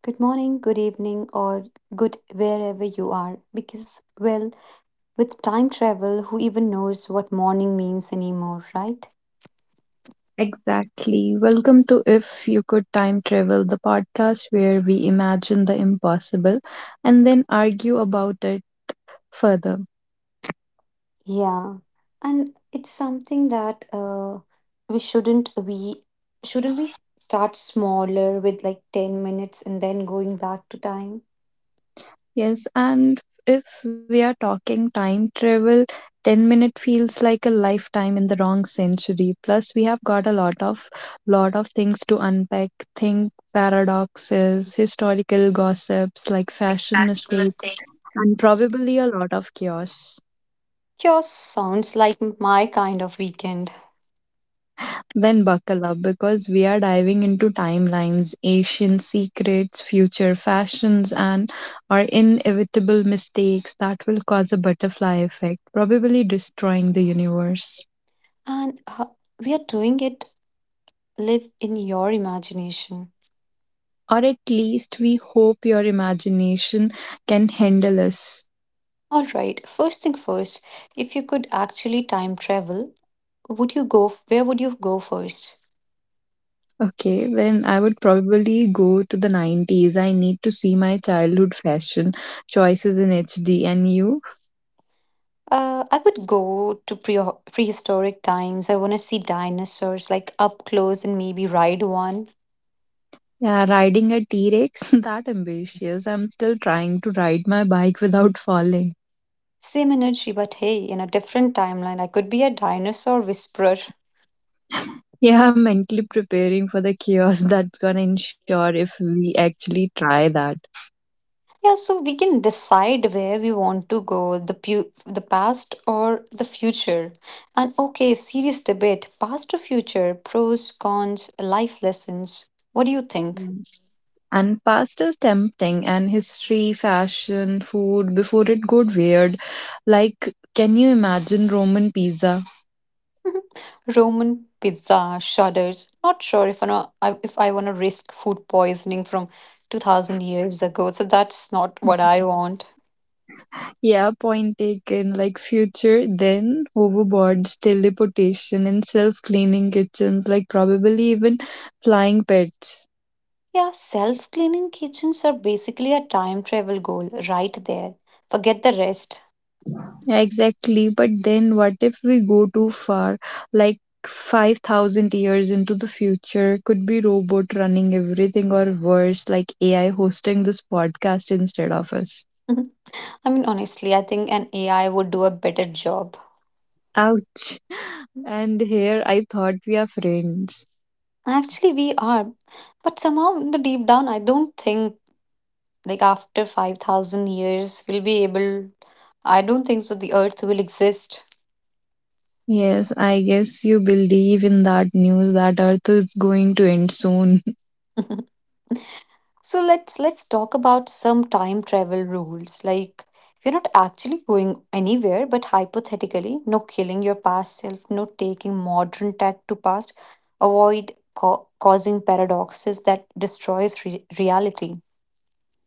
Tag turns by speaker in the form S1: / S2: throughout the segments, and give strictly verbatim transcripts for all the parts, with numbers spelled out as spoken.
S1: Good morning, good evening, or good wherever you are. Because, well, with time travel, who even knows what morning means anymore, right?
S2: Exactly. Welcome to If You Could Time Travel, the podcast where we imagine the impossible and then argue about it further.
S1: Yeah. And it's something that uh, we shouldn't we shouldn't we start smaller with like ten minutes and then going back to time?
S2: Yes, and if we are talking time travel, ten minute feels like a lifetime in the wrong century. Plus we have got a lot of lot of things to unpack, think paradoxes, historical gossips like
S1: Like
S2: fashion
S1: fraction
S2: mistakes,
S1: mistake.
S2: and probably a lot of chaos.
S1: Yours sounds like my kind of weekend.
S2: Then buckle up because we are diving into timelines, ancient secrets, future fashions, and our inevitable mistakes that will cause a butterfly effect, probably destroying the universe.
S1: And uh, we are doing it live in your imagination.
S2: Or at least we hope your imagination can handle us.
S1: All right, first thing first, if you could actually time travel, would you go where would you go first?
S2: Okay, then I would probably go to the nineties. I need to see my childhood fashion choices in H D. And you?
S1: Uh, I would go to pre- prehistoric times. I want to see dinosaurs like up close and maybe ride one.
S2: Yeah, riding a T-Rex, that ambitious. I'm still trying to ride my bike without falling.
S1: Same energy, but hey, in a different timeline, I could be a dinosaur whisperer.
S2: Yeah, I'm mentally preparing for the chaos that's gonna ensure if we actually try that.
S1: Yeah, so we can decide where we want to go, the pu- the past or the future. And okay, serious debate, past or future, pros, cons, life lessons. What do you think?
S2: Mm. And past is tempting, and history, fashion, food, before it got weird. Like, can you imagine Roman pizza?
S1: Roman pizza shudders. Not sure if I know I- if I want to risk food poisoning from two thousand years ago. So that's not what I want.
S2: Yeah, point taken. Like, future, then hoverboards, teleportation, and self cleaning kitchens. Like, probably even flying pets.
S1: Yeah, self-cleaning kitchens are basically a time travel goal right there. Forget the rest.
S2: Exactly, but then what if we go too far? Like five thousand years into the future, could be robot running everything, or worse, like A I hosting this podcast instead of us.
S1: I mean, honestly, I think an A I would do a better job.
S2: Ouch! And here I thought we are friends.
S1: Actually, we are, but somehow, in the deep down, I don't think like after five thousand years we'll be able. I don't think so. The Earth will exist.
S2: Yes, I guess you believe in that news that Earth is going to end soon.
S1: So let's let's talk about some time travel rules. Like we're not actually going anywhere, but hypothetically, no killing your past self, no taking modern tech to past, avoid ca- causing paradoxes that destroys re- reality.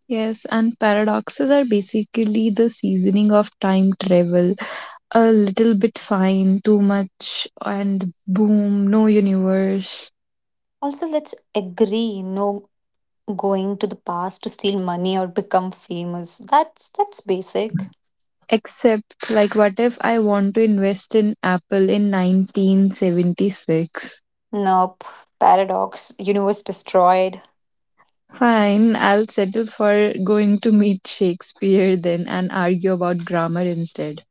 S2: Yes, and paradoxes are basically the seasoning of time travel. A little bit fine, too much, and boom, no universe.
S1: Also, let's agree no going to the past to steal money or become famous. That's that's basic.
S2: Except, like, what if I want to invest in Apple in nineteen seventy-six?
S1: Nope. Paradox. Universe destroyed.
S2: Fine, I'll settle for going to meet Shakespeare then and argue about grammar instead.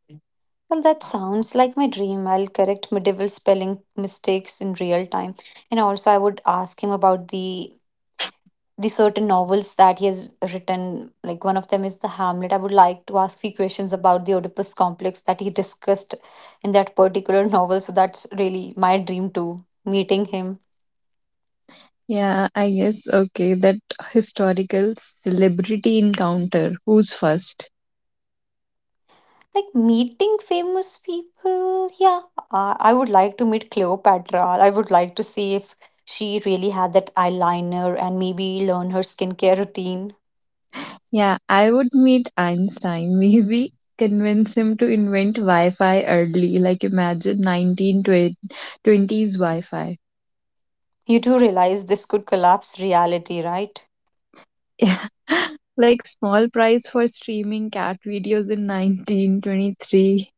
S1: Well, that sounds like my dream. I'll correct medieval spelling mistakes in real time. And also, I would ask him about the the certain novels that he has written. Like one of them is the Hamlet. I would like to ask few questions about the Oedipus complex that he discussed in that particular novel. So that's really my dream too. Meeting him.
S2: Yeah, I guess, okay, that historical celebrity encounter. Who's first?
S1: Like meeting famous people, yeah, I, I would like to meet Cleopatra. I would like to see if she really had that eyeliner and maybe learn her skincare routine.
S2: Yeah, I would meet Einstein, maybe convince him to invent Wi Fi early, like imagine nineteen twenties Wi Fi.
S1: You do realize this could collapse reality, right?
S2: Yeah, like small price for streaming cat videos in nineteen twenty-three.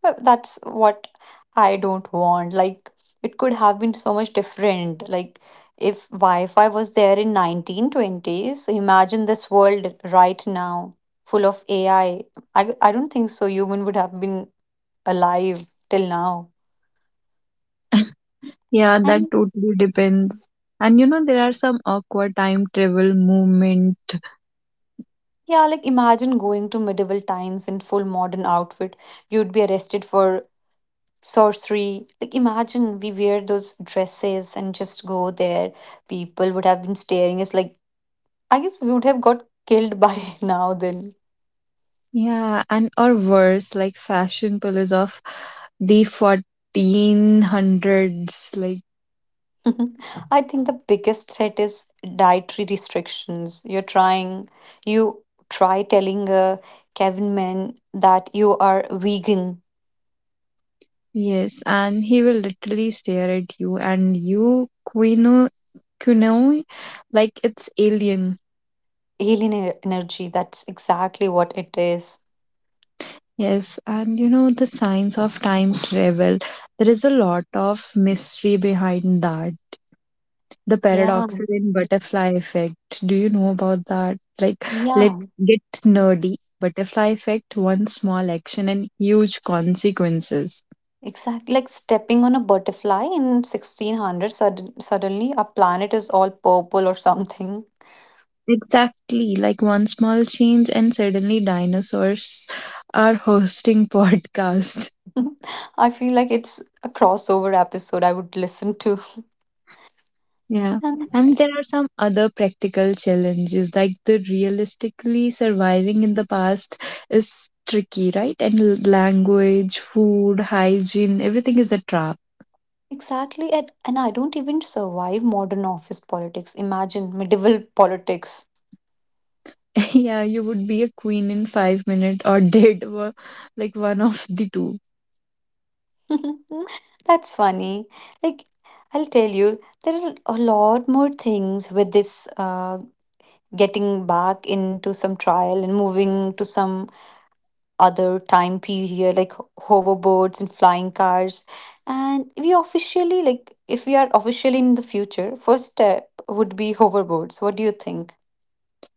S1: But that's what I don't want. Like, it could have been so much different. Like, if Wi-Fi was there in nineteen twenties, imagine this world right now, full of A I. I, I I don't think so. Human would have been alive till now.
S2: Yeah, that
S1: And
S2: totally depends. And you know, there are some awkward time travel movement.
S1: yeah, like imagine going to medieval times in full modern outfit. You'd be arrested for sorcery. Like imagine we wear those dresses and just go there. People would have been staring us like I guess we would have got killed by now then.
S2: Yeah, and or worse, like fashion pulls of the fourteen hundreds, like.
S1: I think the biggest threat is dietary restrictions. You're trying you try telling a caveman that you are vegan.
S2: Yes, and he will literally stare at you and you quino quinoa like it's alien.
S1: Alien e- energy, that's exactly what it is.
S2: Yes, and you know the science of time travel. There is a lot of mystery behind that. The
S1: Yeah,
S2: paradoxes and butterfly effect. Do you know about that? Like,
S1: yeah,
S2: let's get nerdy. Butterfly effect, one small action and huge consequences.
S1: exactly. Like stepping on a butterfly in sixteen hundred, sudden, suddenly our planet is all purple or something.
S2: Exactly, like one small change and suddenly dinosaurs are hosting podcast.
S1: I feel like it's a crossover episode I would listen to.
S2: Yeah.
S1: And
S2: And there are some other practical challenges like the realistically surviving in the past is tricky, right? And l- language, food, hygiene, everything is a trap.
S1: exactly, and, and I don't even survive modern office politics. Imagine medieval politics.
S2: Yeah, you would be a queen in five minutes or dead or like one of the two.
S1: That's funny. Like, I'll tell you, there are a lot more things with this uh, getting back into some trial and moving to some other time period like hoverboards and flying cars, and we officially, like if we are officially in the future, first step would be hoverboards. What do you think?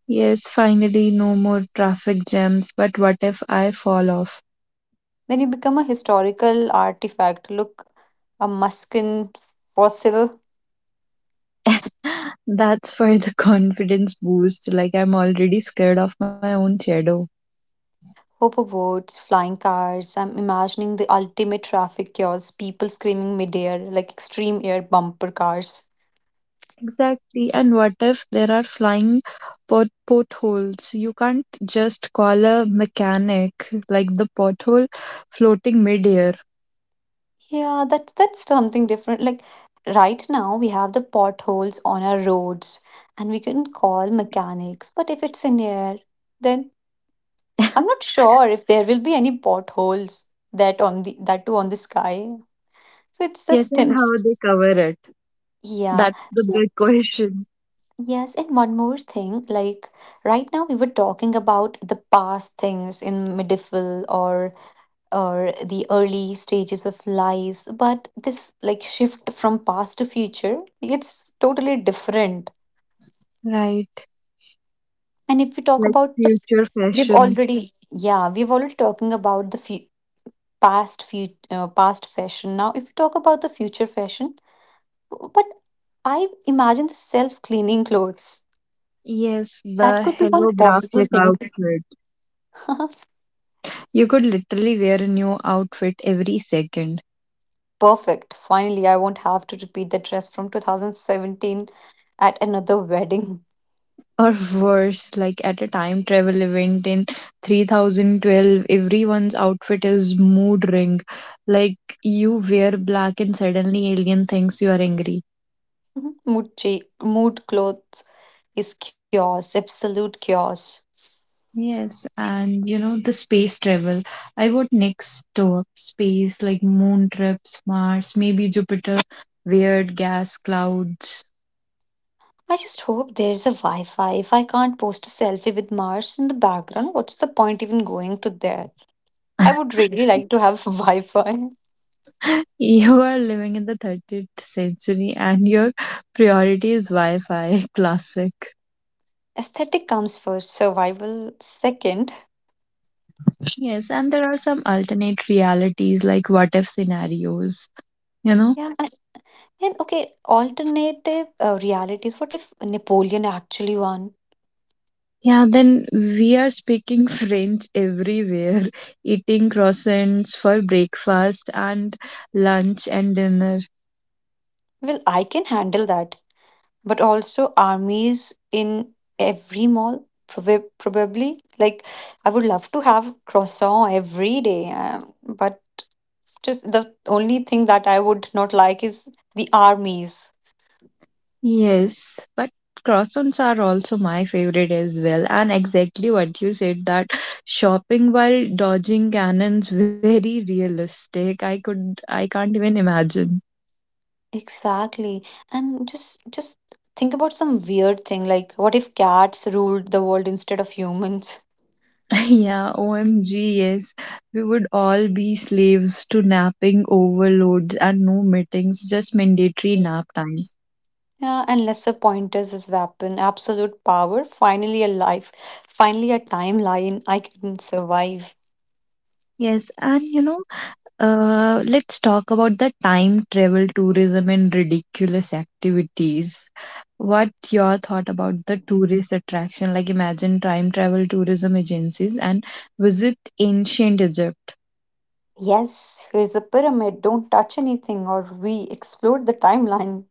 S2: Yes, finally no more traffic jams, but what if I fall off?
S1: Then you become a historical artifact. Look, a muskin fossil.
S2: That's for the confidence boost. Like, I'm already scared of my own shadow.
S1: Hoverboards, flying cars, I'm imagining the ultimate traffic chaos, people screaming midair like extreme air bumper cars.
S2: Exactly. And what if there are flying pot- potholes? You can't just call a mechanic like the pothole floating midair.
S1: Yeah, that's that's something different. Like right now we have the potholes on our roads and we can call mechanics, but if it's in air, then I'm not sure if there will be any potholes that on the that too on the sky. So it's
S2: Yes,
S1: just
S2: and how
S1: Tim's.
S2: they cover it?
S1: Yeah.
S2: That's the
S1: So
S2: big question.
S1: yes, and one more thing, like right now we were talking about the past things in medieval or or the early stages of lives, but this like shift from past to future, it's totally different.
S2: Right.
S1: And if we talk
S2: Like
S1: about the—
S2: future
S1: we've
S2: fashion.
S1: already, yeah, we've already talking about the fu- past fu- uh, past fashion. Now if we talk about the future fashion, but I imagine the self cleaning clothes,
S2: Yes,
S1: that
S2: the
S1: could be one possible
S2: holographic
S1: thing.
S2: outfit. You could literally wear a new outfit every second.
S1: Perfect. Finally I won't have to repeat the dress from two thousand seventeen at another wedding.
S2: Or worse, like at a time travel event in three thousand twelve, everyone's outfit is mood ring, like you wear black and suddenly alien thinks you are angry.
S1: Mhm. Mood, cha- mood clothes is chaos, absolute chaos.
S2: Yes, and you know the space travel, I would next to space, like moon trips, mars, maybe jupiter, weird gas clouds.
S1: I just hope there's a Wi Fi. If I can't post a selfie with Mars in the background, what's the point even going to there? I would really like to have Wi Fi.
S2: You are living in the thirtieth century and your priority is wi-fi. Classic.
S1: Aesthetic comes first, survival second.
S2: Yes, and there are some alternate realities like what if scenarios, you know?
S1: Yeah, and, and okay, alternative uh, realities. What if Napoleon actually won?
S2: Yeah, then we are speaking French everywhere, eating croissants for breakfast and lunch and dinner.
S1: Well, I can handle that, but also armies in every mall, prob- probably. Like, I would love to have croissant every day, um, but just the only thing that I would not like is the armies.
S2: Yes, but croissants are also my favorite as well. And exactly what you said that shopping while dodging cannons very realistic. I could I can't even imagine.
S1: Exactly. And just just think about some weird thing, like what if cats ruled the world instead of humans?
S2: Yeah, O M G, yes. We would all be slaves to napping overloads and no meetings, just mandatory nap time.
S1: Yeah, and lesser pointers is weapon. Absolute power. Finally a life. Finally a timeline. I can survive.
S2: Yes, and you know, uh, let's talk about the time travel tourism and ridiculous activities. What your thought about the tourist attraction? Like imagine time travel tourism agencies and visit ancient Egypt.
S1: Yes, here's a pyramid, don't touch anything, or we explode the timeline.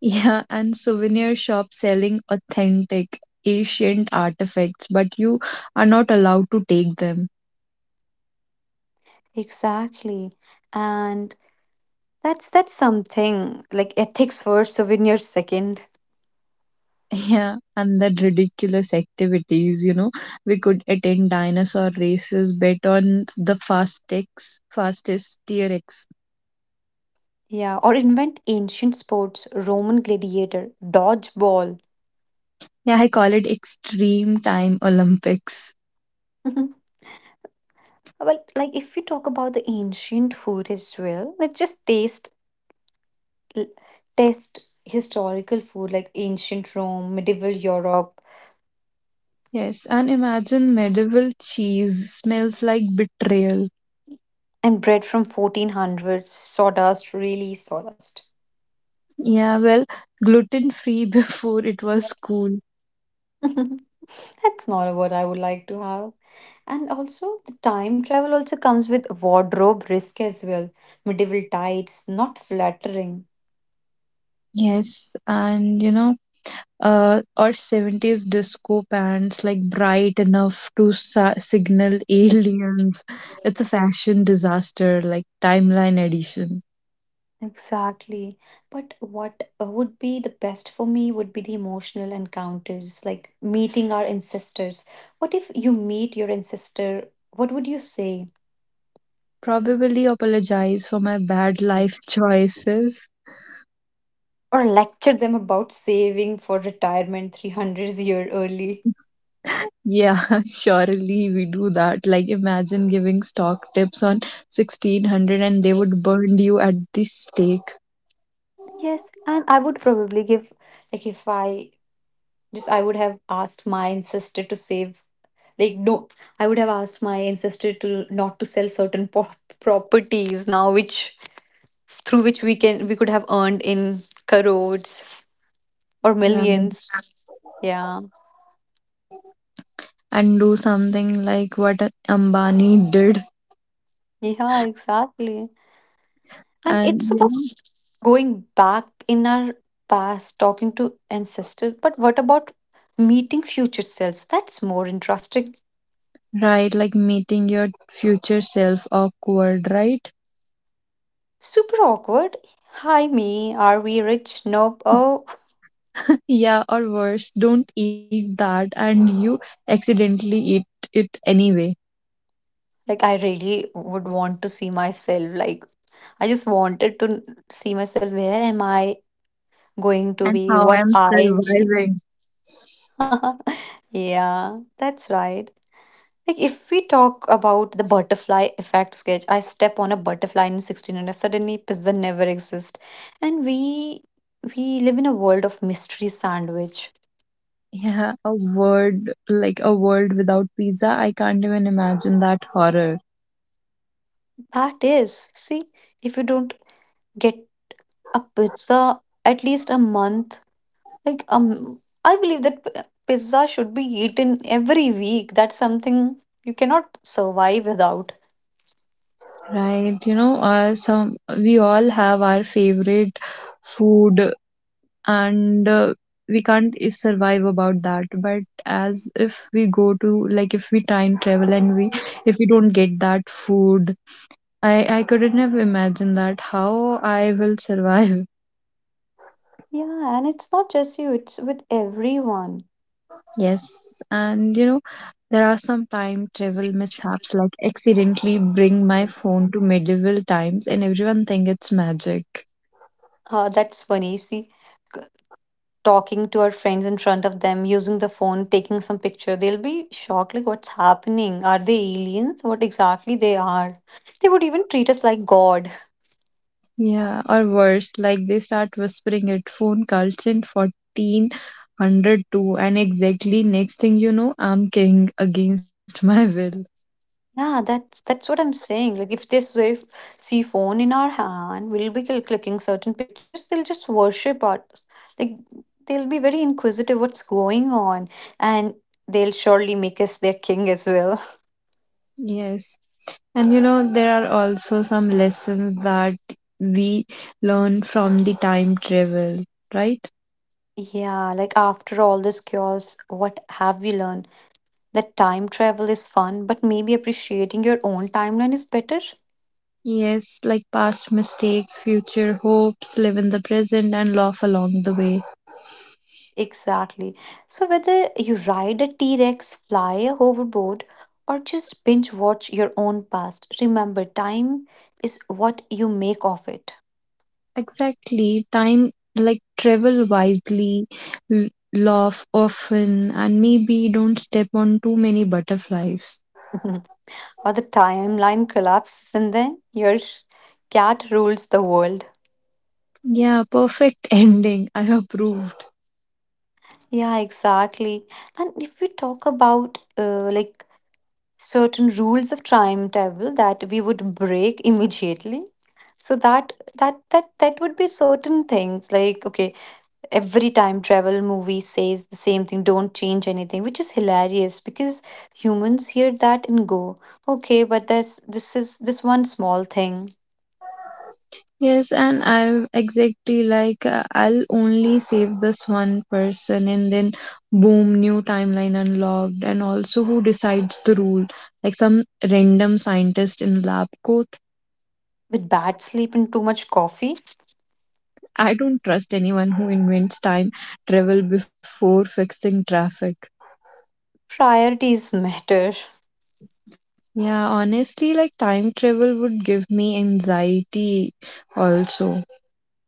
S2: Yeah, and souvenir shops selling authentic ancient artifacts, but you are not allowed to take them.
S1: Exactly. And that's that's something like ethics first, souvenirs second.
S2: Yeah, and the ridiculous activities, you know, we could attend dinosaur races, bet on the fastest, fastest T-Rex.
S1: Yeah, or invent ancient sports, Roman gladiator, dodgeball.
S2: Yeah, I call it extreme time Olympics.
S1: Mhm. Well, like if you talk about the ancient food as well, let's just taste— l- test historical food like ancient Rome, medieval Europe,
S2: Yes, and imagine medieval cheese smells like betrayal.
S1: and bread from fourteen hundreds, sawdust, really sawdust.
S2: Yeah, well, gluten free before it was cool.
S1: That's not what I would like to have. And also, the time travel also comes with wardrobe risk as well. Medieval tights, not flattering.
S2: Yes, and you know, uh, or seventies disco pants like bright enough to sa- signal aliens. It's a fashion disaster, like timeline edition.
S1: Exactly. But what uh, would be the best for me would be the emotional encounters, like meeting our ancestors. What if you meet your ancestor? What would you say?
S2: Probably apologize for my bad life choices.
S1: Or lecture them about saving for retirement three hundred years early?
S2: Yeah, surely we do that. Like, imagine giving stock tips on sixteen hundred and they would burn you at the stake.
S1: Yes, and I would probably give, like, if I— just I would have asked my ancestor to save, like, no, I would have asked my ancestor to not to sell certain po- properties now, which through which we can we could have earned in crores or
S2: Right.
S1: millions. Yeah,
S2: And do something like what Ambani did.
S1: yeah, exactly. And it's
S2: And, you
S1: about
S2: know,
S1: going back in our past talking to ancestors, but what about meeting future selves? That's more interesting.
S2: right, like meeting your future self awkward, right?
S1: Super awkward. Hi me, are we rich? Nope. Oh,
S2: Yeah, or worse, don't eat that and you accidentally eat it anyway.
S1: like I really would want to see myself. Like I just wanted to see myself. Where am I going to
S2: And
S1: be?
S2: how
S1: What
S2: I'm
S1: I need.
S2: surviving.
S1: Yeah, that's right. Like if we talk about the butterfly effect sketch, I step on a butterfly in sixteen hundred, suddenly pizza never exists. And we we live in a world of mystery sandwich.
S2: Yeah, a word like a world without pizza, I can't even imagine that horror.
S1: That is, see, if you don't get a pizza at least a month. Like um, I believe that p- pizza should be eaten every week. That's something you cannot survive without.
S2: Right, you know, uh, some we all have our favorite food and uh, we can't i- survive about that. But as if we go to like if we time travel and we if we don't get that food, I, I couldn't have imagined that how I will survive.
S1: Yeah, and it's not just you, it's with everyone.
S2: Yes, and you know, there are some time travel mishaps like accidentally bring my phone to medieval times and everyone think it's magic.
S1: Uh, that's funny. See, c- talking to our friends in front of them, using the phone, taking some picture, they'll be shocked. Like, what's happening? Are they aliens? What exactly they are? They would even treat us like God.
S2: Yeah, or worse, like they start whispering it phone cults in fourteen oh two and exactly next thing you know, I'm king against my will.
S1: Yeah, that's that's what I'm saying. Like if they say, see phone in our hand, we'll be cl- clicking certain pictures. They'll just worship art. Like they'll be very inquisitive what's going on, and they'll surely make us their king as well.
S2: Yes, and you know, there are also some lessons that we learn from the time travel, right?
S1: Yeah, like after all this chaos, what have we learned? That time travel is fun, but maybe appreciating your own timeline is better.
S2: Yes, like past mistakes, future hopes, live in the present, and laugh along the way.
S1: Exactly. So, whether you ride a T Rex, fly a hoverboard, or just binge watch your own past, remember time is what you make of it.
S2: Exactly. Time, like travel wisely, l- laugh often, and maybe don't step on too many butterflies.
S1: Or the timeline collapses, and then your cat rules the world.
S2: Yeah, perfect ending. I approved.
S1: Yeah, exactly. And if we talk about uh, like certain rules of timetable that we would break immediately, so that that that that would be certain things like okay, every time travel movie says the same thing, don't change anything, which is hilarious because humans hear that and go, okay, but this this is this one small thing.
S2: Yes, and I'm exactly like uh, I'll only save this one person, and then boom, new timeline unlocked, and also who decides the rule? Like some random scientist in lab coat.
S1: With bad sleep and too much coffee.
S2: I don't trust anyone who invents time travel before fixing traffic.
S1: Priorities matter.
S2: Yeah, honestly, like time travel would give me anxiety also.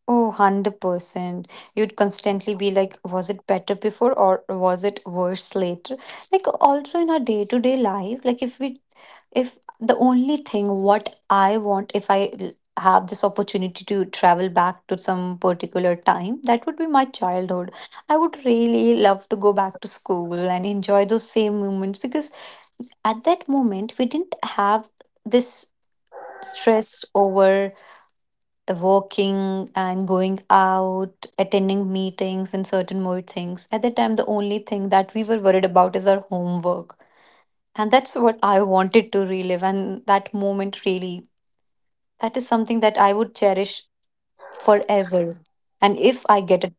S1: Oh, one hundred percent. You'd constantly be like, was it better before or was it worse later? Like, also in our day to day life, like, if we, if the only thing what I want, if I l- have this opportunity to travel back to some particular time, that would be my childhood. I would really love to go back to school and enjoy those same moments because at that moment, we didn't have this stress over working and going out, attending meetings, and certain more things. At that time, the only thing that we were worried about is our homework. And that's what I wanted to relive. And that moment really, that is something that I would cherish forever. And if I get a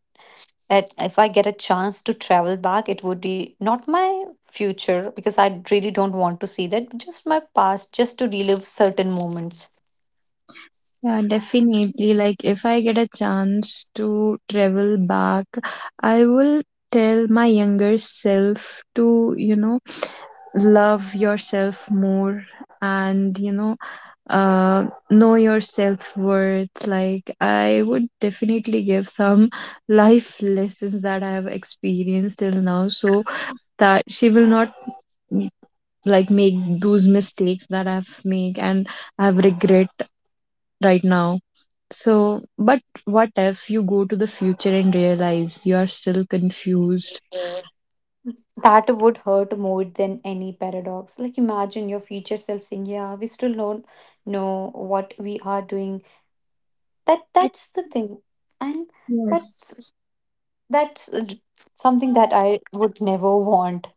S1: at, if I get a chance to travel back, it would be not my future because I really don't want to see that, just my past, just to relive certain moments.
S2: Yeah, definitely. Like, if I get a chance to travel back, I will tell my younger self to, you know, love yourself more and, you know, uh, know your self worth. Like, I would definitely give some life lessons that I have experienced till now so that she will not like make those mistakes that I've made and I have regret right now. So, but what if you go to the future and realize you are still confused?
S1: That would hurt more than any paradox. Like, imagine your future self saying, "Yeah, we still don't know what we are doing." That
S2: At
S1: that's the thing, and
S2: yes,
S1: that's that's uh, something that I would never want.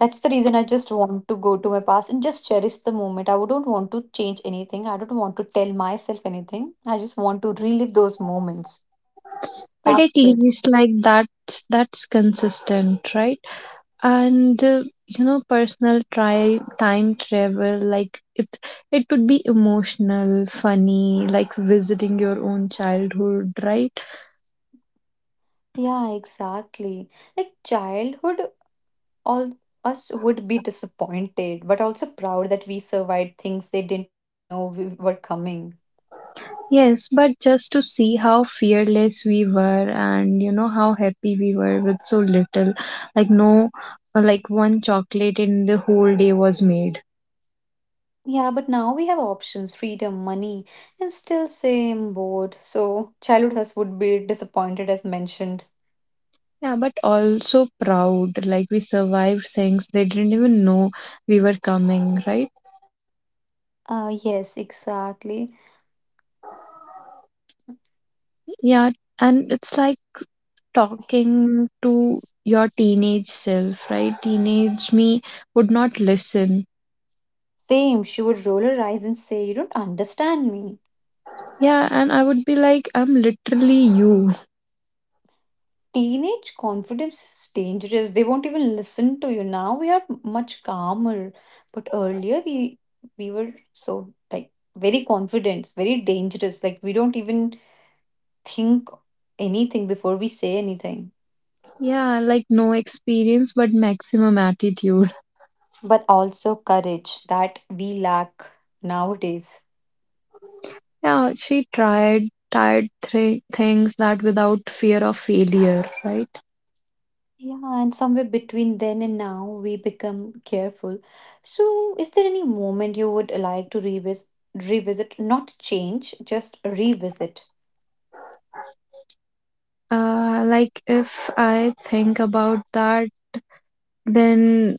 S1: That's the reason I just want to go to my past and just cherish the moment. I don't want to change anything. I don't want to tell myself anything. I just want to relive those moments.
S2: but
S1: That's
S2: at
S1: it.
S2: least like that's that's consistent, right? And uh, you know, personal try time travel like it it would be emotional, funny, like visiting your own childhood, right?
S1: Yeah, exactly. Like childhood all us would be disappointed, but also proud that we survived things they didn't even know we were coming.
S2: Yes, but just to see how fearless we were and you know how happy we were with so little. Like no uh, like one chocolate in the whole day was made.
S1: Yeah, but now we have options, freedom, money, and still same board. So childhood us would be disappointed as mentioned.
S2: Yeah, but also proud. Like we survived things they didn't even know we were coming, right?
S1: Ah, yes, exactly.
S2: Yeah, and it's like talking to your teenage self, right? Teenage me would not listen.
S1: Same. She would roll her eyes and say, "You don't understand me."
S2: Yeah, and I would be like, I'm literally you.
S1: Teenage confidence is dangerous. They won't even listen to you. Now we are much calmer, but earlier we we were so like very confident, very dangerous. Like we don't even think anything before we say anything.
S2: Yeah, like no experience but maximum attitude.
S1: But also courage that we lack nowadays.
S2: Yeah, she tried tried three things that without fear of failure, right?
S1: Yeah, and somewhere between then and now we become careful. So, is there any moment you would like to revisit revisit, not change, just revisit?
S2: Uh, like if I think about that, then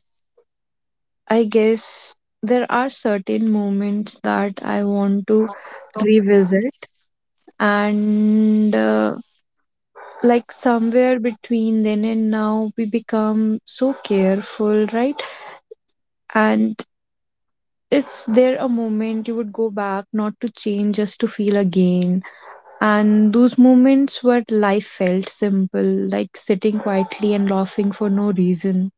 S2: I guess there are certain moments that I want to revisit, and uh, like somewhere between then and now, we become so careful, right? And is there a moment you would go back, not to change, just to feel again? And those moments where life felt simple, like sitting quietly and laughing for no reason.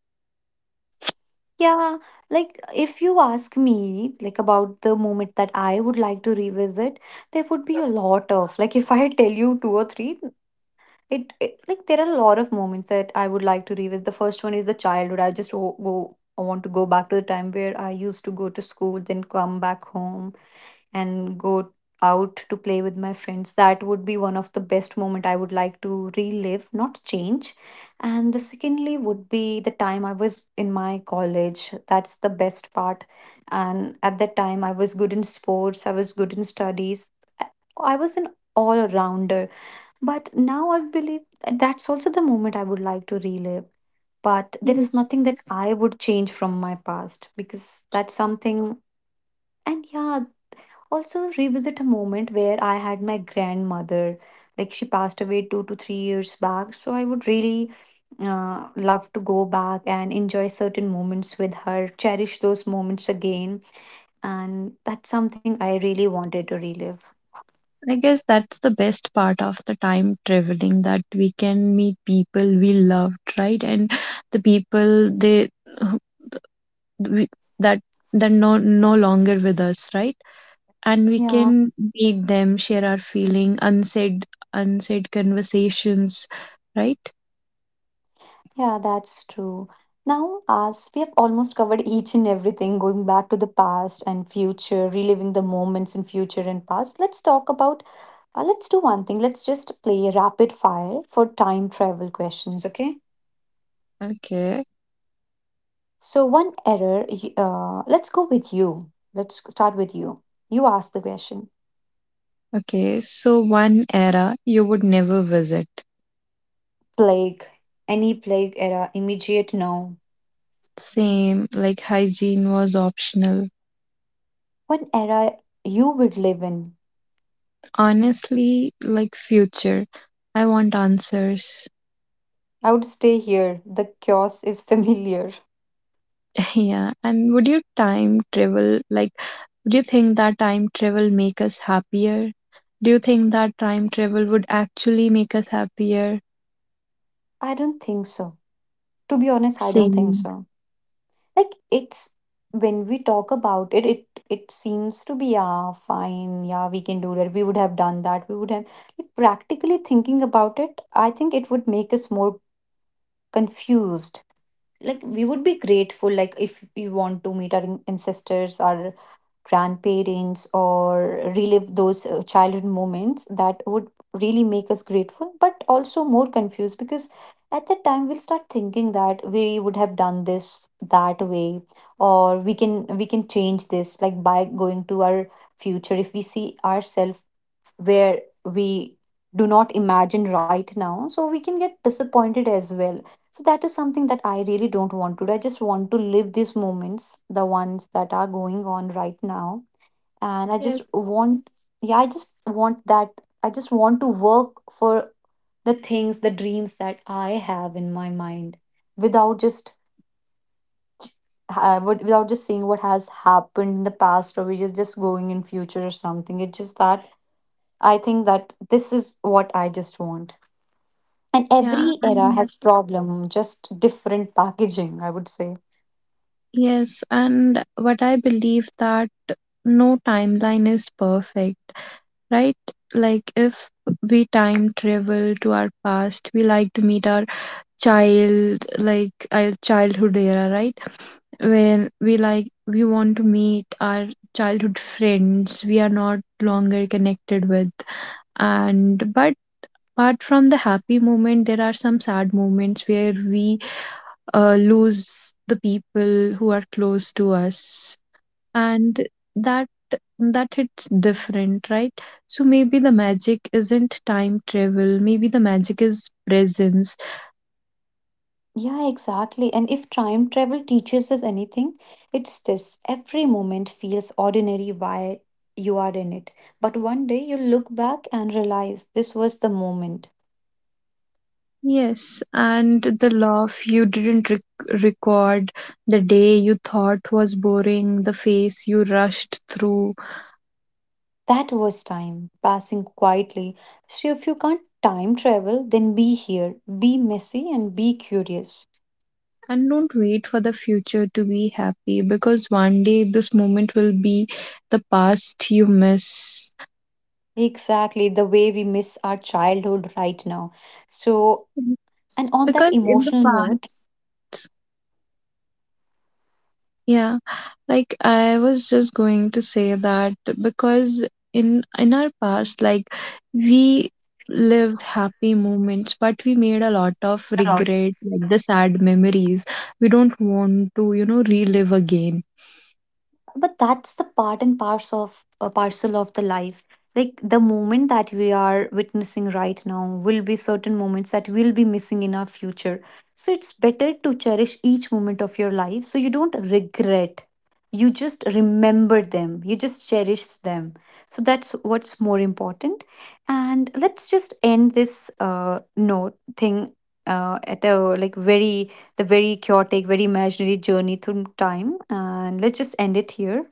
S1: Yeah, like if you ask me, like about the moment that I would like to revisit, there would be a lot of like if I tell you two or three, it, it like there are a lot of moments that I would like to revisit. The first one is the childhood. I just wo- wo- I want to go back to the time where I used to go to school, then come back home and go out to play with my friends. That would be one of the best moment I would like to relive, not change. And the secondly would be the time I was in my college. That's the best part. And at that time I was good in sports, I was good in studies, i I was an all-rounder, but now I believe that's also the moment I would like to relive. But there is nothing that
S2: Yes.
S1: I would change from my past, because that's something. And yeah, also revisit a moment where I had my grandmother. Like she passed away two to three years back. So I would really uh, love to go back and enjoy certain moments with her, cherish those moments again. And that's something I really wanted to relive.
S2: I guess that's the best part of the time traveling that we can meet people we loved, right? And the people they uh, we, that they're no no longer with us, right? And we
S1: Yeah.
S2: can meet them, share our feeling, unsaid unsaid conversations, right?
S1: Yeah, that's true. Now, as we have almost covered each and everything, going back to the past and future, reliving the moments in future and past, let's talk about. Uh, let's do one thing. Let's just play rapid fire for time travel questions, okay?
S2: Okay.
S1: So, one error, y- uh, let's go with you. Let's start with you. You ask the question.
S2: Okay. So one era you would never visit.
S1: Plague, any plague era, immediate now.
S2: Same, like hygiene was optional.
S1: One era you would live in?
S2: Honestly, like future. I want answers.
S1: I would stay here. The chaos is familiar.
S2: Yeah. And would you time travel like do you think that time travel make us happier? Do you think that time travel would actually make us happier?
S1: I don't think so. To be honest, I don't
S2: Same.
S1: think so. Like it's when we talk about it, it it seems to be yeah, fine, yeah, we can do that. We would have done that. We would have like practically thinking about it, I think it would make us more confused. Like we would be grateful, like if we want to meet our an- ancestors, our grandparents, or relive those uh, childhood moments. That would really make us grateful but also more confused, because at that time we'll start thinking that we would have done this that way, or we can we can change this. Like by going to our future, if we see ourselves where we do not imagine right now, so we can get disappointed as well. So that is something that I really don't want to do. I just want to live these moments, the ones that are going on right now, and I just
S2: Yes.
S1: want yeah I just want that I just want to work for the things, the dreams that I have in my mind, without just ha- what- without just seeing what has happened in the past or which is just going in future or something. It's just that I think that this is what I just want. And
S2: Yeah.
S1: every era
S2: And
S1: has Yes. problem, just different packaging, I would say.
S2: yes. And what I believe that no timeline is perfect, right? Like if we time travel to our past, we like to meet our child like our childhood era, right, when we like we want to meet our childhood friends we are not longer connected with. And but apart from the happy moment there are some sad moments where we uh, lose the people who are close to us, and that that it's different, right? So maybe the magic isn't time travel, maybe the magic is presence.
S1: Yeah, exactly. And if time travel teaches us anything, it's this: every moment feels ordinary while you are in it. But one day you look back and realize this was the moment.
S2: Yes, and the laugh you didn't rec- record, the day you thought was boring, the phase you rushed through.
S1: That was time passing quietly. So if you can't time travel, then be here, be messy, and be curious.
S2: And don't wait for the future to be happy because one day this moment will be the past you miss.
S1: Exactly the way we miss our childhood right now. So, and on that
S2: Because in the
S1: emotional note,
S2: past, yeah. Like I was just going to say that because in in our past like we live happy moments but we made a lot of regret like the sad memories we don't want to you know relive again.
S1: but that's the part and parcel of a parcel of the life. Like the moment that we are witnessing right now will be certain moments that will be missing in our future. So it's better to cherish each moment of your life so you don't regret. You just remember them, you just cherish them. So that's what's more important. And let's just end this uh note thing uh, at a like very the very chaotic, very imaginary journey through time. And let's just end it here.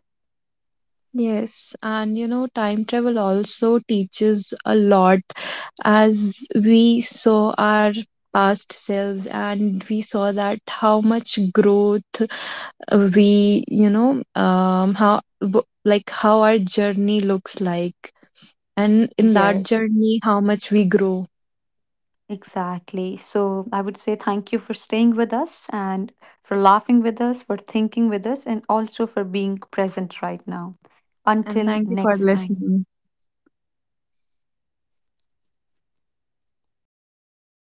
S2: Yes and you know time travel also teaches a lot as we saw our past selves and we saw that how much growth we you know um how w- like how our journey looks like, and in that
S1: Yes,
S2: journey how much we grow.
S1: exactly. So I would say thank you for staying with us, and for laughing with us, for thinking with us, and also for being present right now.
S2: And
S1: Until
S2: thank you for
S1: next time.
S2: listening.